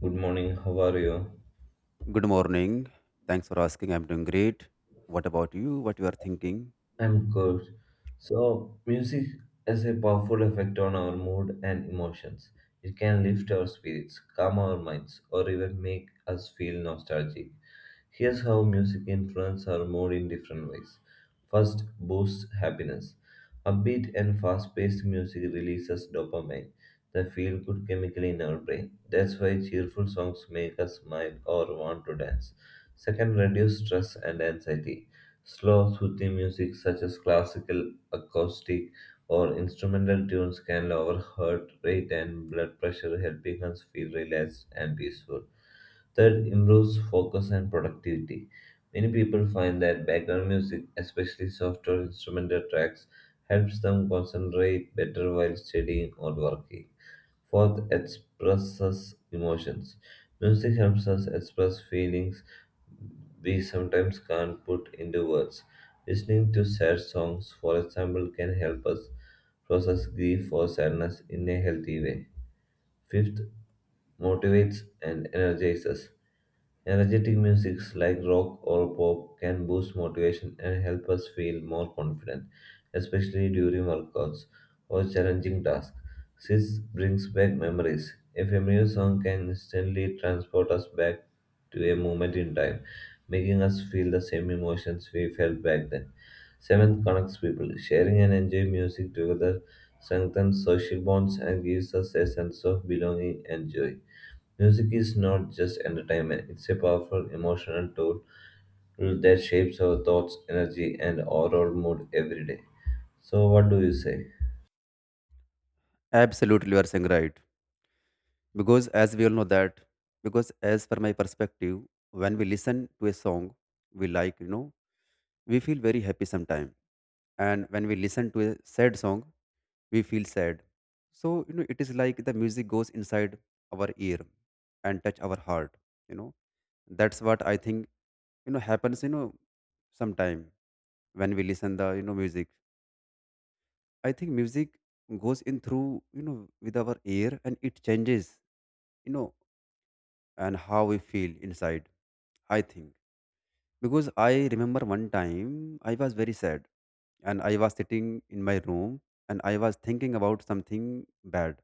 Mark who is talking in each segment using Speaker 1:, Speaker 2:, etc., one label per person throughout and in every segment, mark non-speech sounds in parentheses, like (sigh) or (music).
Speaker 1: Good morning, how are you?
Speaker 2: Good morning. Thanks for asking. I'm doing great. What about you? What you are thinking?
Speaker 1: I'm good. So, music has a powerful effect on our mood and emotions. It can lift our spirits, calm our minds, or even make us feel nostalgic. Here's how music influences our mood in different ways. First, boosts happiness. Upbeat and fast paced music releases dopamine, the feel good chemical in our brain. That's why cheerful songs make us smile or want to dance. Second, reduce stress and anxiety. Slow, soothing music such as classical, acoustic, or instrumental tunes can lower heart rate and blood pressure, helping us feel relaxed and peaceful. Third, improves focus and productivity. Many people find that background music, especially soft or instrumental tracks, helps them concentrate better while studying or working. Fourth, expresses emotions. Music helps us express feelings we sometimes can't put into words. Listening to sad songs, for example, can help us process grief or sadness in a healthy way. Fifth, motivates and energizes. Energetic musics like rock or pop can boost motivation and help us feel more confident, especially during workouts or challenging tasks. This brings back memories. A familiar song can instantly transport us back to a moment in time, making us feel the same emotions we felt back then. Seventh connects people. Sharing and enjoying music together strengthens social bonds and gives us a sense of belonging and joy. Music is not just entertainment, it's a powerful emotional tool that shapes our thoughts, energy, and overall mood every day. So, what do you say?
Speaker 2: Absolutely, you are saying right. Because as we all know that, because as per my perspective, when we listen to a song we like, we feel very happy sometime. And when we listen to a sad song, we feel sad. So you know, it is like the music goes inside our ear and touch our heart, you know. That's what I think, happens, sometime. When we listen the, music, I think music goes in through, with our ear, and it changes, you know and how we feel inside. I think, because I remember one time I was very sad and I was sitting in my room and I was thinking about something bad.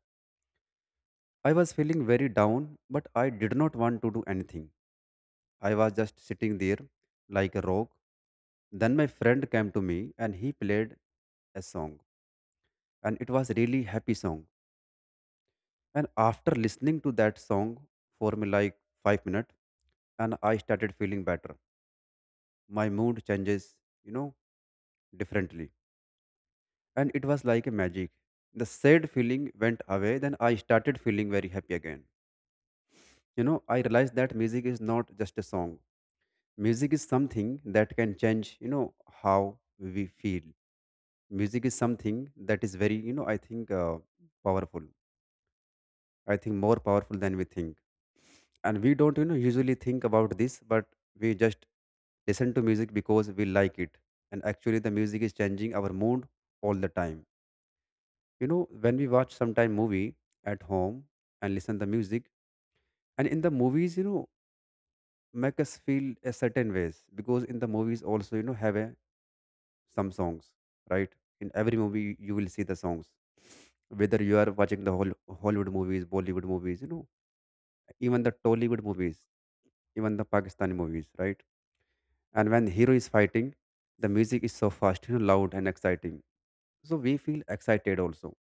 Speaker 2: I was feeling very down, but I did not want to do anything. I was just sitting there like a rock. Then my friend came to me and he played a song, and it was really happy song. And after listening to that song for me like 5 minutes, and I started feeling better. My mood changes, you know, differently. And it was like a magic. The sad feeling went away, then I started feeling very happy again. You know, I realized that music is not just a song. Music is something that can change, you know, how we feel. Music is something that is very, I think powerful. I think more powerful than we think. And we don't, you know, usually think about this, but we just listen to music because we like it. And actually, the music is changing our mood all the time. You know, when we watch sometime movie at home and listen the music, and in the movies, you know, make us feel a certain ways, because in the movies also, you know, have a, some songs, right? In every movie, you will see the songs. Whether you are watching the whole Hollywood movies, Bollywood movies, you know, even the Tollywood movies, even the Pakistani movies, right? And when hero is fighting, the music is so fast, you know, loud and exciting. So we feel excited also.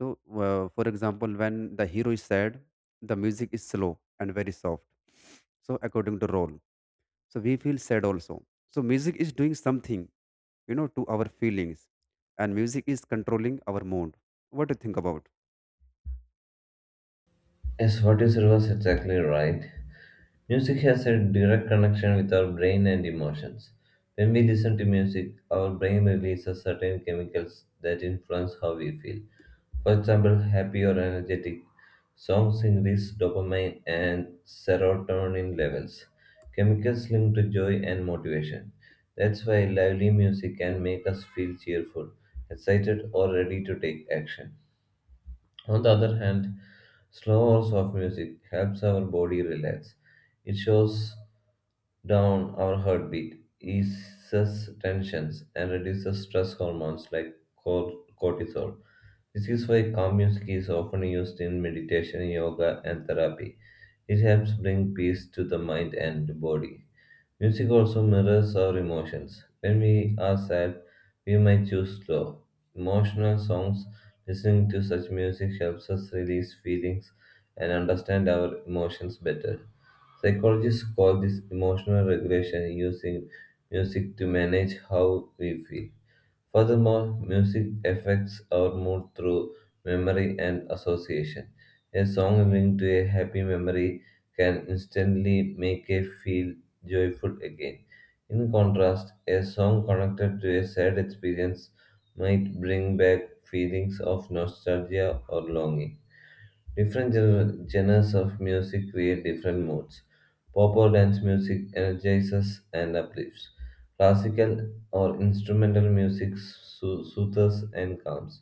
Speaker 2: So for example, when the hero is sad, the music is slow and very soft. So according to role, so we feel sad also. So music is doing something, you know, to our feelings, and music is controlling our mood. What do you think about?
Speaker 1: Yes, what you said was exactly right. Music has a direct connection with our brain and emotions. When we listen to music, our brain releases certain chemicals that influence how we feel. For example, happy or energetic songs increase dopamine and serotonin levels, chemicals linked to joy and motivation. That's why lively music can make us feel cheerful, excited, or ready to take action. On the other hand, slow or soft music helps our body relax. It shows down our heartbeat, eases tensions, and reduces stress hormones like cortisol. This is why calm music is often used in meditation, yoga, and therapy. It helps bring peace to the mind and body. Music also mirrors our emotions. When we are sad, we might choose slow, emotional songs. Listening to such music helps us release feelings and understand our emotions better. Psychologists call this emotional regulation using music to manage how we feel. Furthermore, music affects our mood through memory and association. A song linked to a happy memory can instantly make us feel joyful again. In contrast, a song connected to a sad experience might bring back feelings of nostalgia or longing. Different genres of music create different moods. Pop or dance music energizes and uplifts. Classical or instrumental music soothes and calms.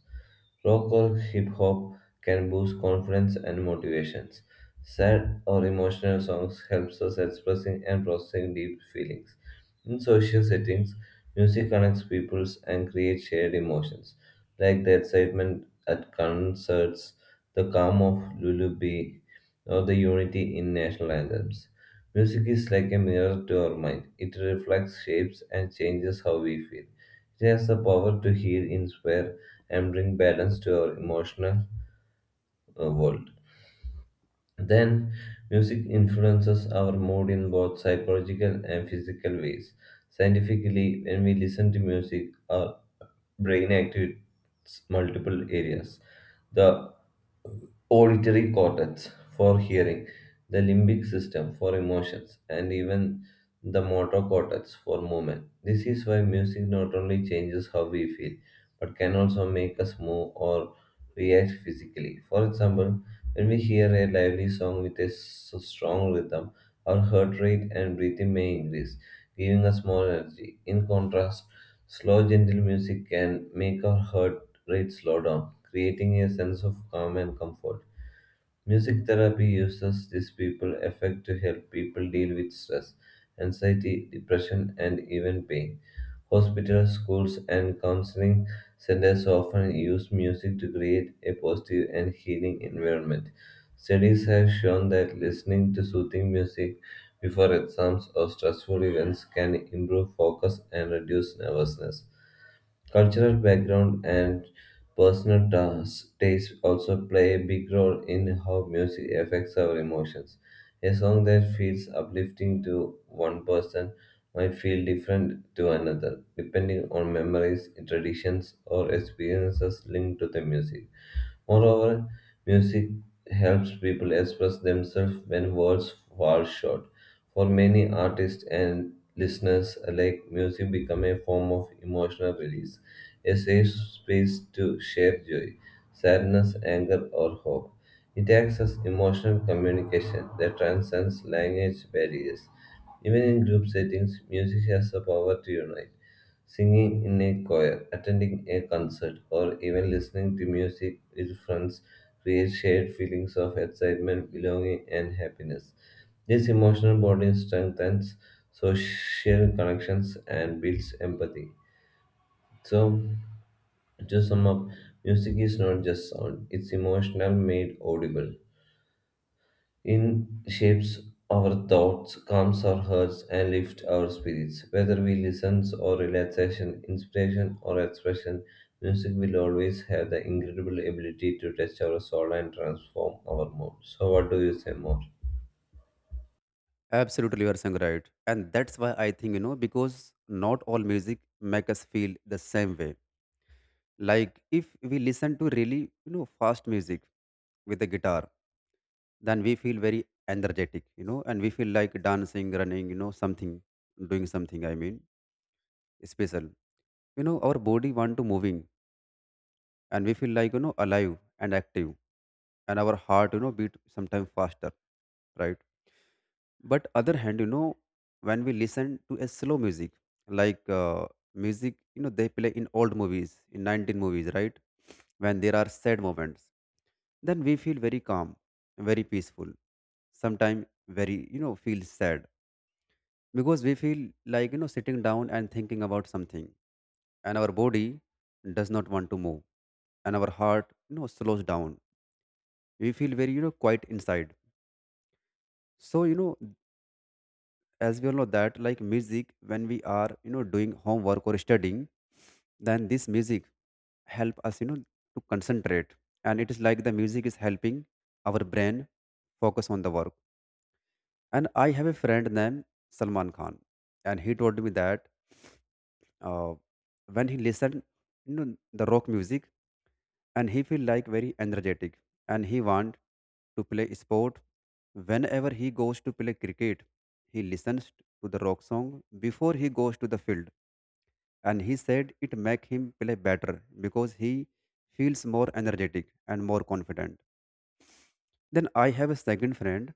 Speaker 1: Rock or hip hop can boost confidence and motivations. Sad or emotional songs helps us expressing and processing deep feelings. In social settings, music connects peoples and creates shared emotions, like the excitement at concerts, the calm of lullaby, or the unity in national anthems. Music is like a mirror to our mind. It reflects, shapes, and changes how we feel. It has the power to heal, inspire, and bring balance to our emotional world. Then, music influences our mood in both psychological and physical ways. Scientifically, when we listen to music, our brain activates multiple areas. The auditory cortex for hearing, the limbic system for emotions, and even the motor cortex for movement. This is why music not only changes how we feel, but can also make us move or react physically. For example, when we hear a lively song with a strong rhythm, our heart rate and breathing may increase, giving us more energy. In contrast, slow, gentle music can make our heart rate slow down, creating a sense of calm and comfort. Music therapy uses these people effect to help people deal with stress, anxiety, depression, and even pain. Hospitals, schools, and counseling centers often use music to create a positive and healing environment. Studies have shown that listening to soothing music before exams or stressful events can improve focus and reduce nervousness. Cultural background and personal taste also play a big role in how music affects our emotions. A song that feels uplifting to one person might feel different to another, depending on memories, traditions, or experiences linked to the music. Moreover, music helps people express themselves when words fall short. For many artists and listeners alike, music becomes a form of emotional release, a safe space to share joy, sadness, anger, or hope. It acts as emotional communication that transcends language barriers. Even in group settings, music has the power to unite. Singing in a choir, attending a concert, or even listening to music with friends creates shared feelings of excitement, belonging, and happiness. This emotional bonding strengthens social connections and builds empathy. So, to sum up, music is not just sound, it's emotional made audible. In shapes our thoughts, calms our hearts, and lifts our spirits. Whether we listen or relaxation, inspiration or expression, music will always have the incredible ability to touch our soul and transform our mood. So, what do you say more?
Speaker 2: Absolutely, you are saying right. And that's why I think, you know because not all music make us feel the same way. Like if we listen to really, you know, fast music with the guitar, then we feel very energetic, you know, and we feel like dancing, running, something, doing something, I mean, special. You know, our body want to moving, and we feel like, you know, alive and active, and our heart, you know, beat sometimes faster, right? But other hand, you know, when we listen to a slow music, like music, you know, they play in old movies, in 19 movies, right? When there are sad moments, then we feel very calm, very peaceful, sometimes very, feel sad, because we feel like, you know, sitting down and thinking about something, and our body does not want to move, and our heart, you know, slows down. We feel very, quiet inside. So you know, as we all know that, like music, when we are, doing homework or studying, then this music help us, you know, to concentrate. And it is like the music is helping our brain focus on the work. And I have a friend named Salman Khan, and he told me that uh, when he listened, you know the rock music, and he feel like very energetic, and he want to play sport. Whenever he goes to play cricket, he listens to the rock song before he goes to the field. And he said it make him play better, because he feels more energetic and more confident. Then I have a second friend,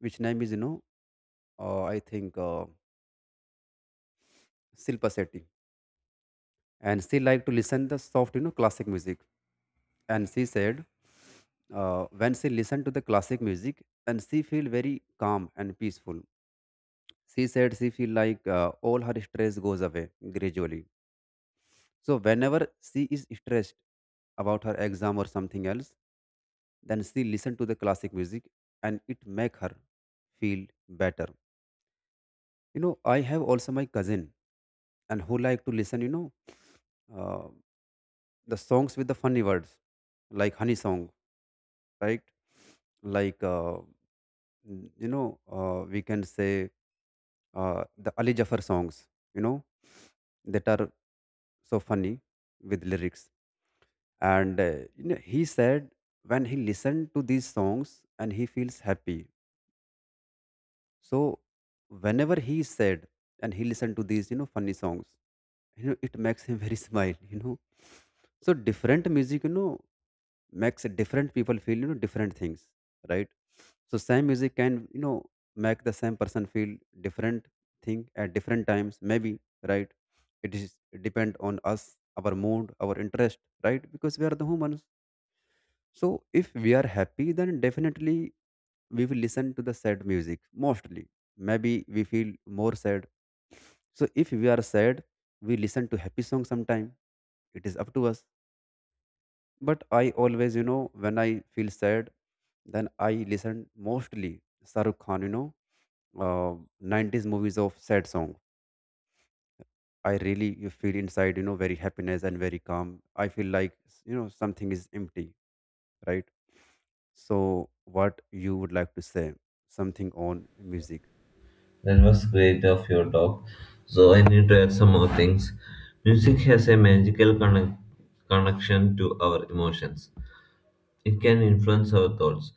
Speaker 2: which name is, I think Shilpa Shetty. And she liked to listen the soft, you know, classic music. And she said, when she listened to the classic music and she feel very calm and peaceful. She said she feel like, all her stress goes away gradually. So whenever she is stressed about her exam or something else, then she listen to the classic music, and it make her feel better. You know, I have also my cousin, and who like to listen, uh, the songs with the funny words, like honey song, right? Like you know, we can say the Ali Jafar songs, you know, that are so funny with lyrics. And you know, he said when he listened to these songs, and he feels happy. So whenever he is sad and he listen to these, you know, funny songs, you know, it makes him very (laughs) smile, you know. So different music, you know, makes different people feel, you know, different things, right? So same music can, you know, make the same person feel different thing at different times, maybe, right? It depend on us, our mood, our interest, right? Because we are the humans. So if we are happy, then definitely we will listen to the sad music mostly, maybe we feel more sad. So if we are sad, we listen to happy song sometime. It is up to us. But I always, you know, when I feel sad, then I listen mostly Sarukh Khan, you know, uh, 90s movies of sad song. I really, you feel inside, you know, very happiness and very calm. I feel like, you know, something is empty, right? So what you would like to say, something on music?
Speaker 1: That was great of your talk. So, I need to add some more things. Music has a magical connection to our emotions. It can influence our thoughts,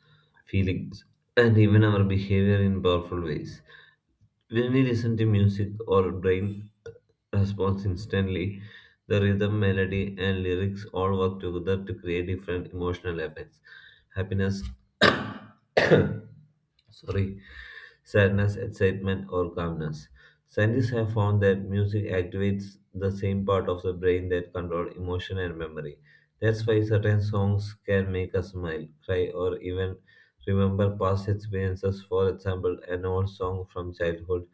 Speaker 1: feelings, and even our behavior in powerful ways. When we listen to music, our brain responds instantly. The rhythm, melody, and lyrics all work together to create different emotional effects. Happiness sorry, sadness, excitement, or calmness. Scientists have found that music activates the same part of the brain that control emotion and memory. That's why certain songs can make us smile, cry, or even remember past experiences. For example, an old song from childhood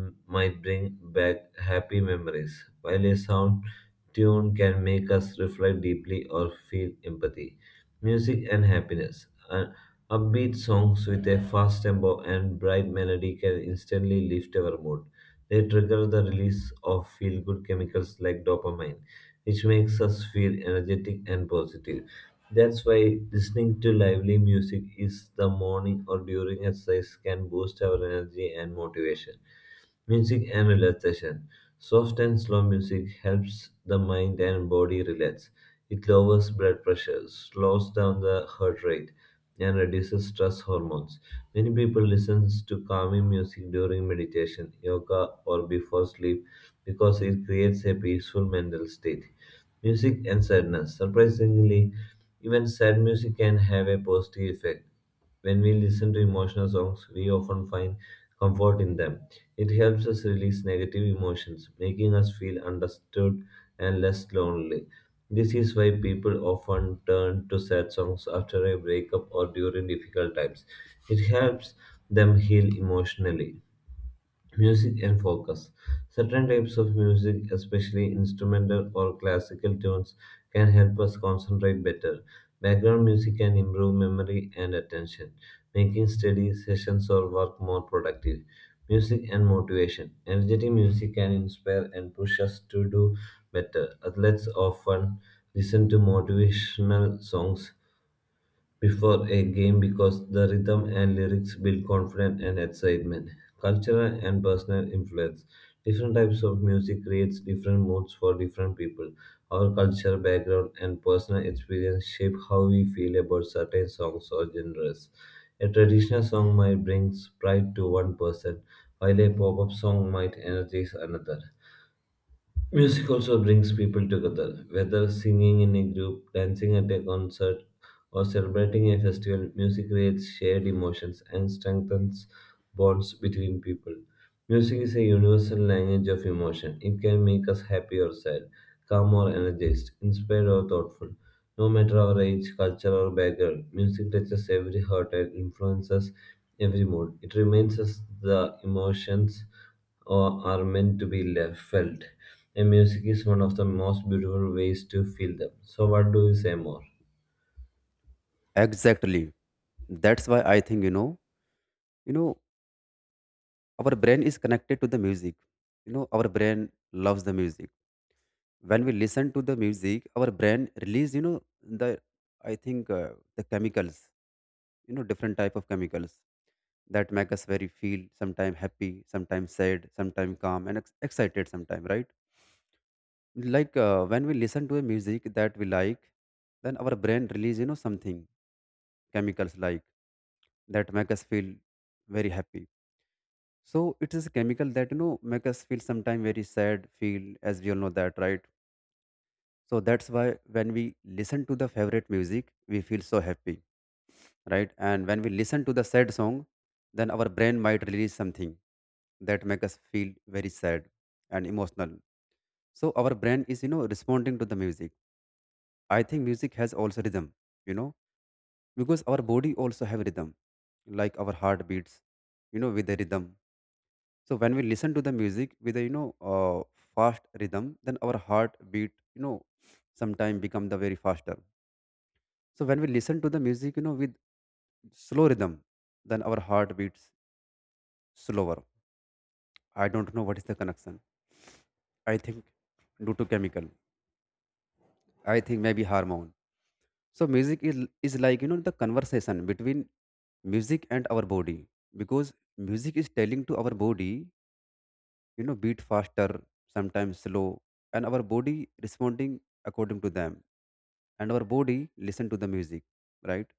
Speaker 1: might bring back happy memories, while a sound tune can make us reflect deeply or feel empathy. Music and happiness. Upbeat songs with a fast tempo and bright melody can instantly lift our mood. They trigger the release of feel good chemicals like dopamine, which makes us feel energetic and positive. That's why listening to lively music is the morning or during exercise can boost our energy and motivation. Music and relaxation. Soft and slow music helps the mind and body relax. It lowers blood pressure, slows down the heart rate, and reduces stress hormones. Many people listen to calming music during meditation, yoga, or before sleep because it creates a peaceful mental state. Music and sadness. Surprisingly, even sad music can have a positive effect. When we listen to emotional songs, we often find comfort in them. It helps us release negative emotions, making us feel understood and less lonely. This is why people often turn to sad songs after a breakup or during difficult times. It helps them heal emotionally. Music and focus. Certain types of music, especially instrumental or classical tunes, can help us concentrate better. Background music can improve memory and attention, making study sessions or work more productive. Music and motivation. Energetic music can inspire and push us to do better. Athletes often listen to motivational songs before a game because the rhythm and lyrics build confidence and excitement. Cultural and personal influence. Different types of music creates different moods for different people. Our culture, background, and personal experience shape how we feel about certain songs or genres. A traditional song might bring pride to one person, while a pop-up song might energize another. Music also brings people together, whether singing in a group, dancing at a concert, or celebrating a festival, music creates shared emotions and strengthens bonds between people. Music is a universal language of emotion. It can make us happy or sad, calm or energized, inspired or thoughtful. No matter our age, culture, or background, music touches every heart and influences every mood. It reminds us the emotions or are meant to be left, felt. And music is one of the most beautiful ways to feel them. So, what do you say more?
Speaker 2: Exactly. That's why I think, you know, our brain is connected to the music. You know, our brain loves the music. When we listen to the music, our brain release, you know, the I think the chemicals, you know, different type of chemicals that make us very feel sometime happy, sometimes sad, sometime calm and excited sometime, right? Like when we listen to a music that we like, then our brain release, you know, something chemicals like that make us feel very happy. So it is a chemical that, you know, make us feel sometime very sad feel, as we all know that, right? So that's why when we listen to the favorite music, we feel so happy, right? And when we listen to the sad song, then our brain might release something that make us feel very sad and emotional. So our brain is, you know, responding to the music. I think music has also rhythm, you know, because our body also have rhythm, like our heart beats, you know, with the rhythm. So when we listen to the music with a, fast rhythm, then our heart beat, you know, sometime become the very faster. So when we listen to the music, you know, with slow rhythm, then our heart beats slower. I don't know what is the connection. I think due to chemical. I think maybe harmony. So music is, like, you know, the conversation between music and our body, because music is telling to our body, you know, beat faster, sometimes slow, and our body responding according to them. And our body listen to the music, right?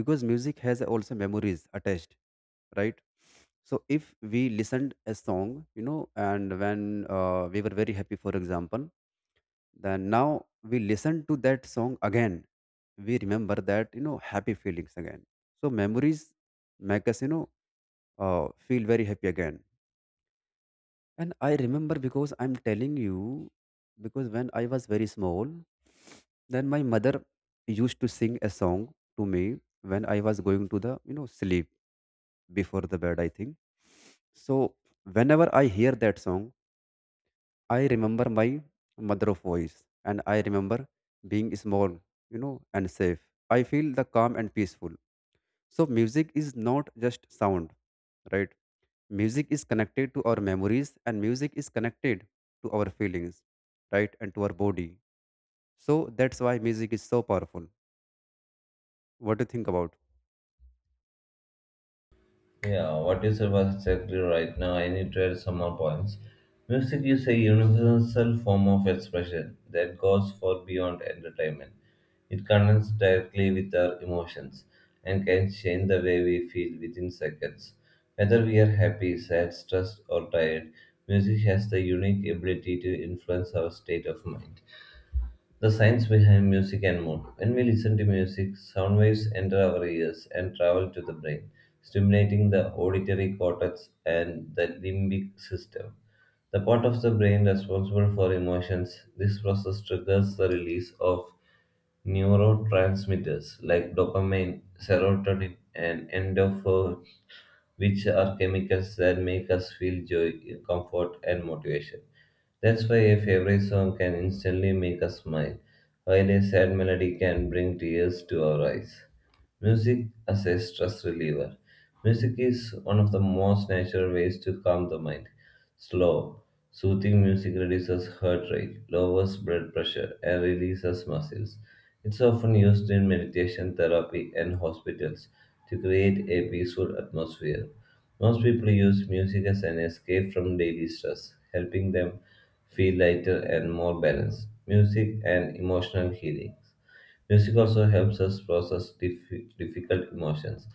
Speaker 2: Because music has also memories attached, right? So if we listened a song, you know, and when we were very happy, for example, then now we listen to that song again, we remember that, you know, happy feelings again. So memories make us, feel very happy again. And I remember, because I'm telling you, because when I was very small, then my mother used to sing a song to me when I was going to the, you know, sleep before the bed, I think. So whenever I hear that song, I remember my mother of voice, and I remember being small, you know, and safe. I feel the calm and peaceful. So music is not just sound, right? Music is connected to our memories, and music is connected to our feelings, right? And to our body. So that's why music is so powerful. What do you think about?
Speaker 1: Yeah, what you said was exactly right. Now I need to add some more points. Music is a universal form of expression that goes far beyond entertainment. It connects directly with our emotions and can change the way we feel within seconds. Whether we are happy, sad, stressed, or tired, music has the unique ability to influence our state of mind. The science behind music and mood. When we listen to music, sound waves enter our ears and travel to the brain, stimulating the auditory cortex and the limbic system. The part of the brain responsible for emotions, this process triggers the release of neurotransmitters like dopamine, serotonin, and endorphin which are chemicals that make us feel joy, comfort, and motivation. That's why a favorite song can instantly make us smile, while a sad melody can bring tears to our eyes. Music as a stress reliever. Music is one of the most natural ways to calm the mind. Slow, soothing music reduces heart rate, lowers blood pressure, and releases muscles. It's often used in meditation therapy and hospitals to create a peaceful atmosphere. Most people use music as an escape from daily stress, helping them feel lighter and more balanced. Music and emotional healing. Music also helps us process difficult emotions.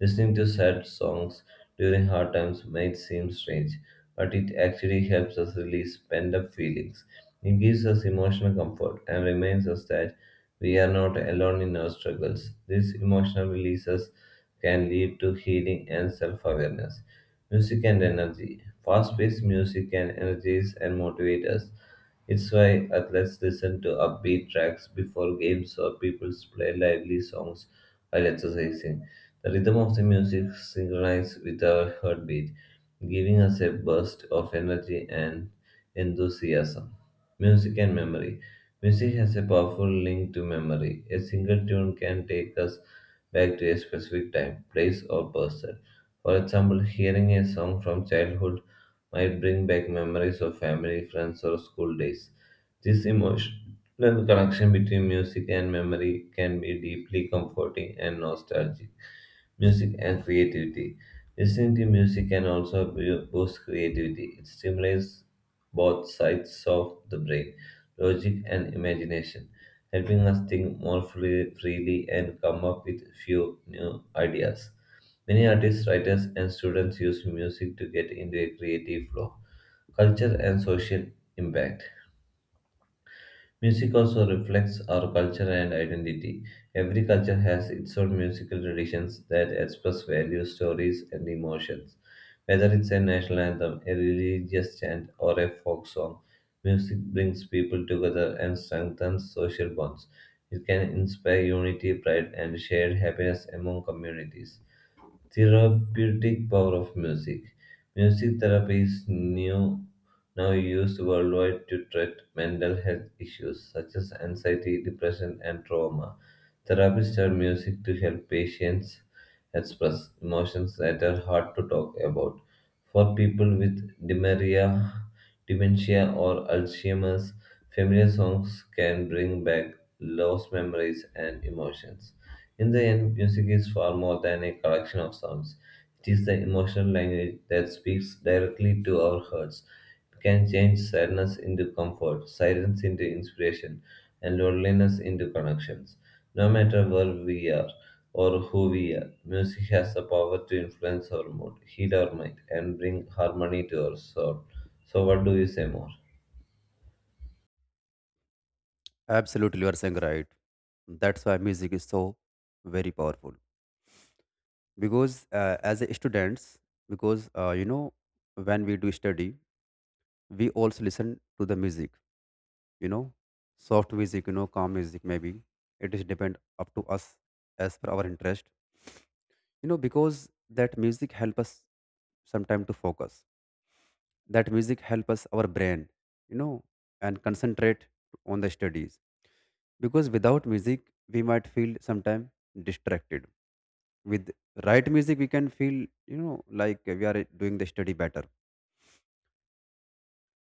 Speaker 1: Listening to sad songs during hard times might seem strange, but it actually helps us release pent up feelings. It gives us emotional comfort and reminds us that we are not alone in our struggles. These emotional releases can lead to healing and self awareness. Music and energy. Fast paced music can energize and motivate us. It's why athletes listen to upbeat tracks before games or people play lively songs while exercising. The rhythm of the music synchronizes with our heartbeat, giving us a burst of energy and enthusiasm. Music and memory. Music has a powerful link to memory. A single tune can take us back to a specific time, place, or person. For example, hearing a song from childhood might bring back memories of family, friends, or school days. This emotional connection between music and memory can be deeply comforting and nostalgic. Music and creativity. Listening to music can also boost creativity. It stimulates both sides of the brain, logic and imagination, helping us think more freely and come up with few new ideas. Many artists, writers, and students use music to get into a creative flow, culture, and social impact. Music also reflects our culture and identity. Every culture has its own musical traditions that express values, stories, and emotions. Whether it's a national anthem, a religious chant, or a folk song, music brings people together and strengthens social bonds. It can inspire unity, pride, and shared happiness among communities. Therapeutic power of music. Music therapy is now used worldwide to treat mental health issues such as anxiety, depression, and trauma. Therapists are music to help patients express emotions that are hard to talk about. For people with dementia, dementia or Alzheimer's, familiar songs can bring back lost memories and emotions. In the end, music is far more than a collection of sounds. It is the emotional language that speaks directly to our hearts. It can change sadness into comfort, silence into inspiration, and loneliness into connections. No matter where we are or who we are, music has the power to influence our mood, heal our mind, and bring harmony to our soul. So, what do you say more?
Speaker 2: Absolutely, you are saying right. That's why music is so very powerful. Because as a students, because you know, when we do study, we also listen to the music, you know, soft music, you know, calm music, maybe. It is depend up to us, as per our interest. You know, because that music help us sometime to focus. That music helps us our brain, you know, and concentrate on the studies. Because without music, we might feel sometime distracted. With right music, we can feel like we are doing the study better.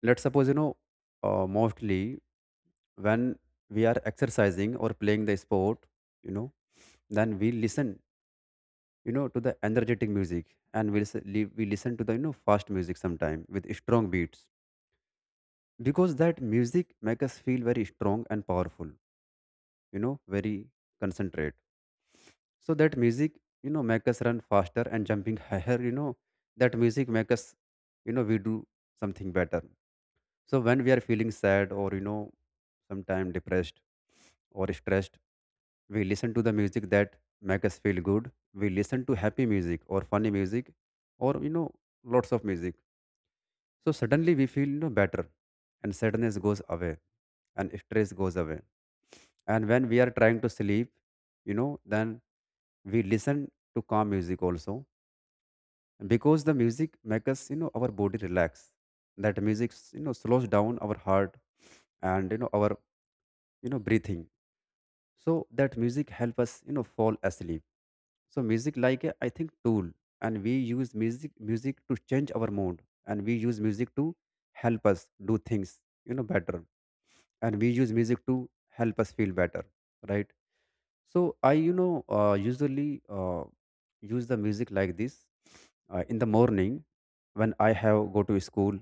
Speaker 2: Let's suppose mostly when we are exercising or playing the sport, you know, then we listen to the energetic music and we listen to the fast music sometime with strong beats because that music make us feel very strong and powerful, very concentrate. So that music make us run faster and jumping (laughs) higher, that music make us, we do something better. So when we are feeling sad or sometime depressed or stressed, we listen to the music that make us feel good. We listen to happy music or funny music or lots of music. So suddenly we feel, better, and sadness goes away, and stress goes away. And when we are trying to sleep, then we listen to calm music also, because the music makes us, our body relax. That music slows down our heart and our breathing. So that music help us fall asleep. So music like a, I think, tool, and we use music to change our mood, and we use music to help us do things, better, and we use music to help us feel better, right? So I usually use the music like this in the morning when I have go to school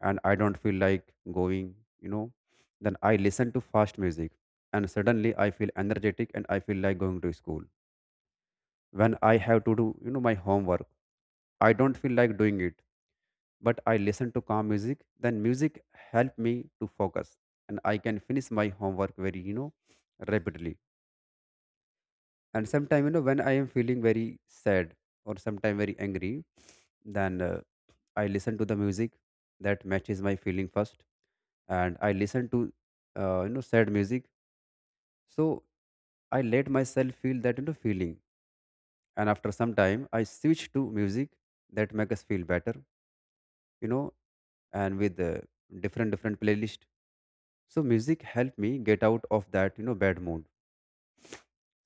Speaker 2: and I don't feel like going, then I listen to fast music and suddenly I feel energetic and I feel like going to school. When I have to do, my homework, I don't feel like doing it, but I listen to calm music, then music help me to focus and I can finish my homework very, rapidly. And sometime, when I am feeling very sad, or sometime very angry, then I listen to the music that matches my feeling first, and I listen to sad music. So I let myself feel that, feeling, and after some time I switch to music that make us feel better, you know and with different different playlist. So music helped me get out of that, bad mood.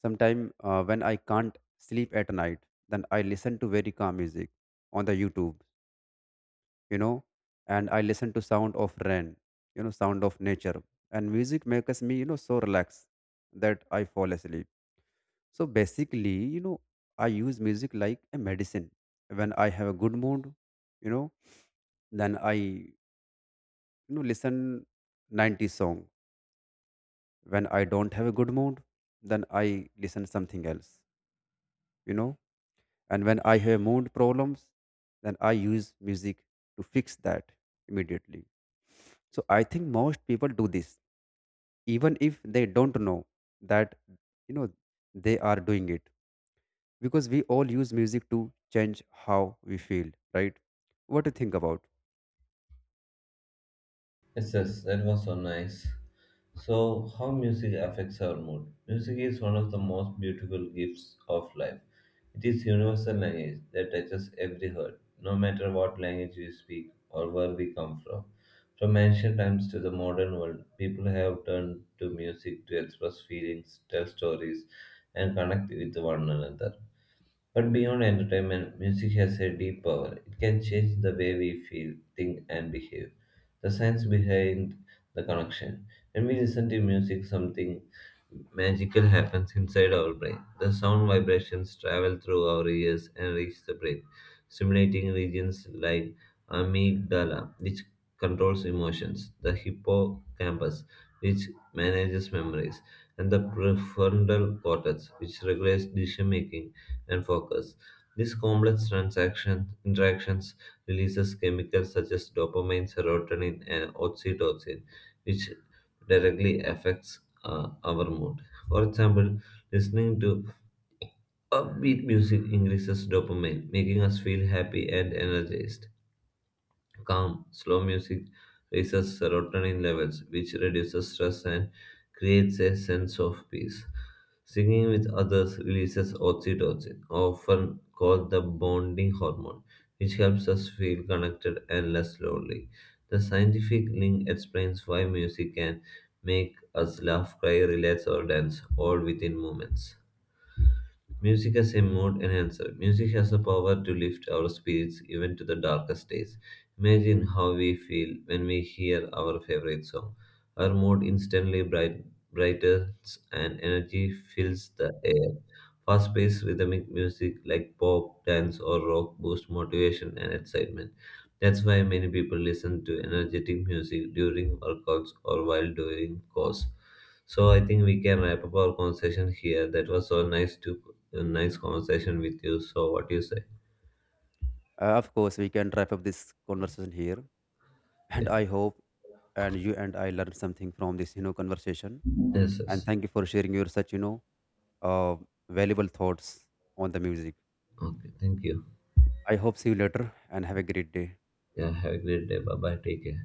Speaker 2: Sometimes when I can't sleep at night, then I listen to very calm music on the YouTube, you know, and I listen to sound of rain, sound of nature, and music makes me, so relaxed that I fall asleep. So basically, you know, I use music like a medicine. When I have a good mood, you know, then I listen 90 song. When I don't have a good mood, then I listen something else. You know and when I have mood problems, then I use music to fix that immediately. So I think most people do this, even if they don't know that, you know they are doing it, because we all use music to change how we feel, right? What do you think about
Speaker 1: Yes, yes, that was so nice. So, how music affects our mood? Music is one of the most beautiful gifts of life. It is universal language that touches every heart, no matter what language we speak or where we come from. From ancient times to the modern world, people have turned to music to express feelings, tell stories, and connect with one another. But beyond entertainment, music has a deep power. It can change the way we feel, think, and behave. The science behind the connection. When we listen to music, something magical happens inside our brain. The sound vibrations travel through our ears and reach the brain, stimulating regions like amygdala, which controls emotions, the hippocampus, which manages memories, and the prefrontal cortex, which regulates decision making and focus. This complex interactions releases chemicals such as dopamine, serotonin, and oxytocin, which directly affects our mood. For example, listening to upbeat music increases dopamine, making us feel happy and energized. Calm, slow music raises serotonin levels, which reduces stress and creates a sense of peace. Singing with others releases oxytocin, often called the bonding hormone, which helps us feel connected and less lonely. The scientific link explains why music can make us laugh, cry, relax, or dance all within moments. Music as a mood enhancer. Music has the power to lift our spirits even to the darkest days. Imagine how we feel when we hear our favorite song. Our mood instantly brightens and energy fills the air. Fast paced rhythmic music like pop, dance, or rock boosts motivation and excitement. That's why many people listen to energetic music during workouts or while doing chores. So I think we can wrap up our conversation here. That was so nice to a nice conversation with you. So, what you say?
Speaker 2: of course we can wrap up this conversation here, and
Speaker 1: Yeah.
Speaker 2: I hope and you and I learned something from this, conversation,
Speaker 1: Yes,
Speaker 2: and
Speaker 1: yes.
Speaker 2: thank you for sharing your such, uh, valuable thoughts on the music.
Speaker 1: Okay. Thank you.
Speaker 2: I hope see you later and have a great day.
Speaker 1: Yeah. Have a great day. Bye bye. Take care.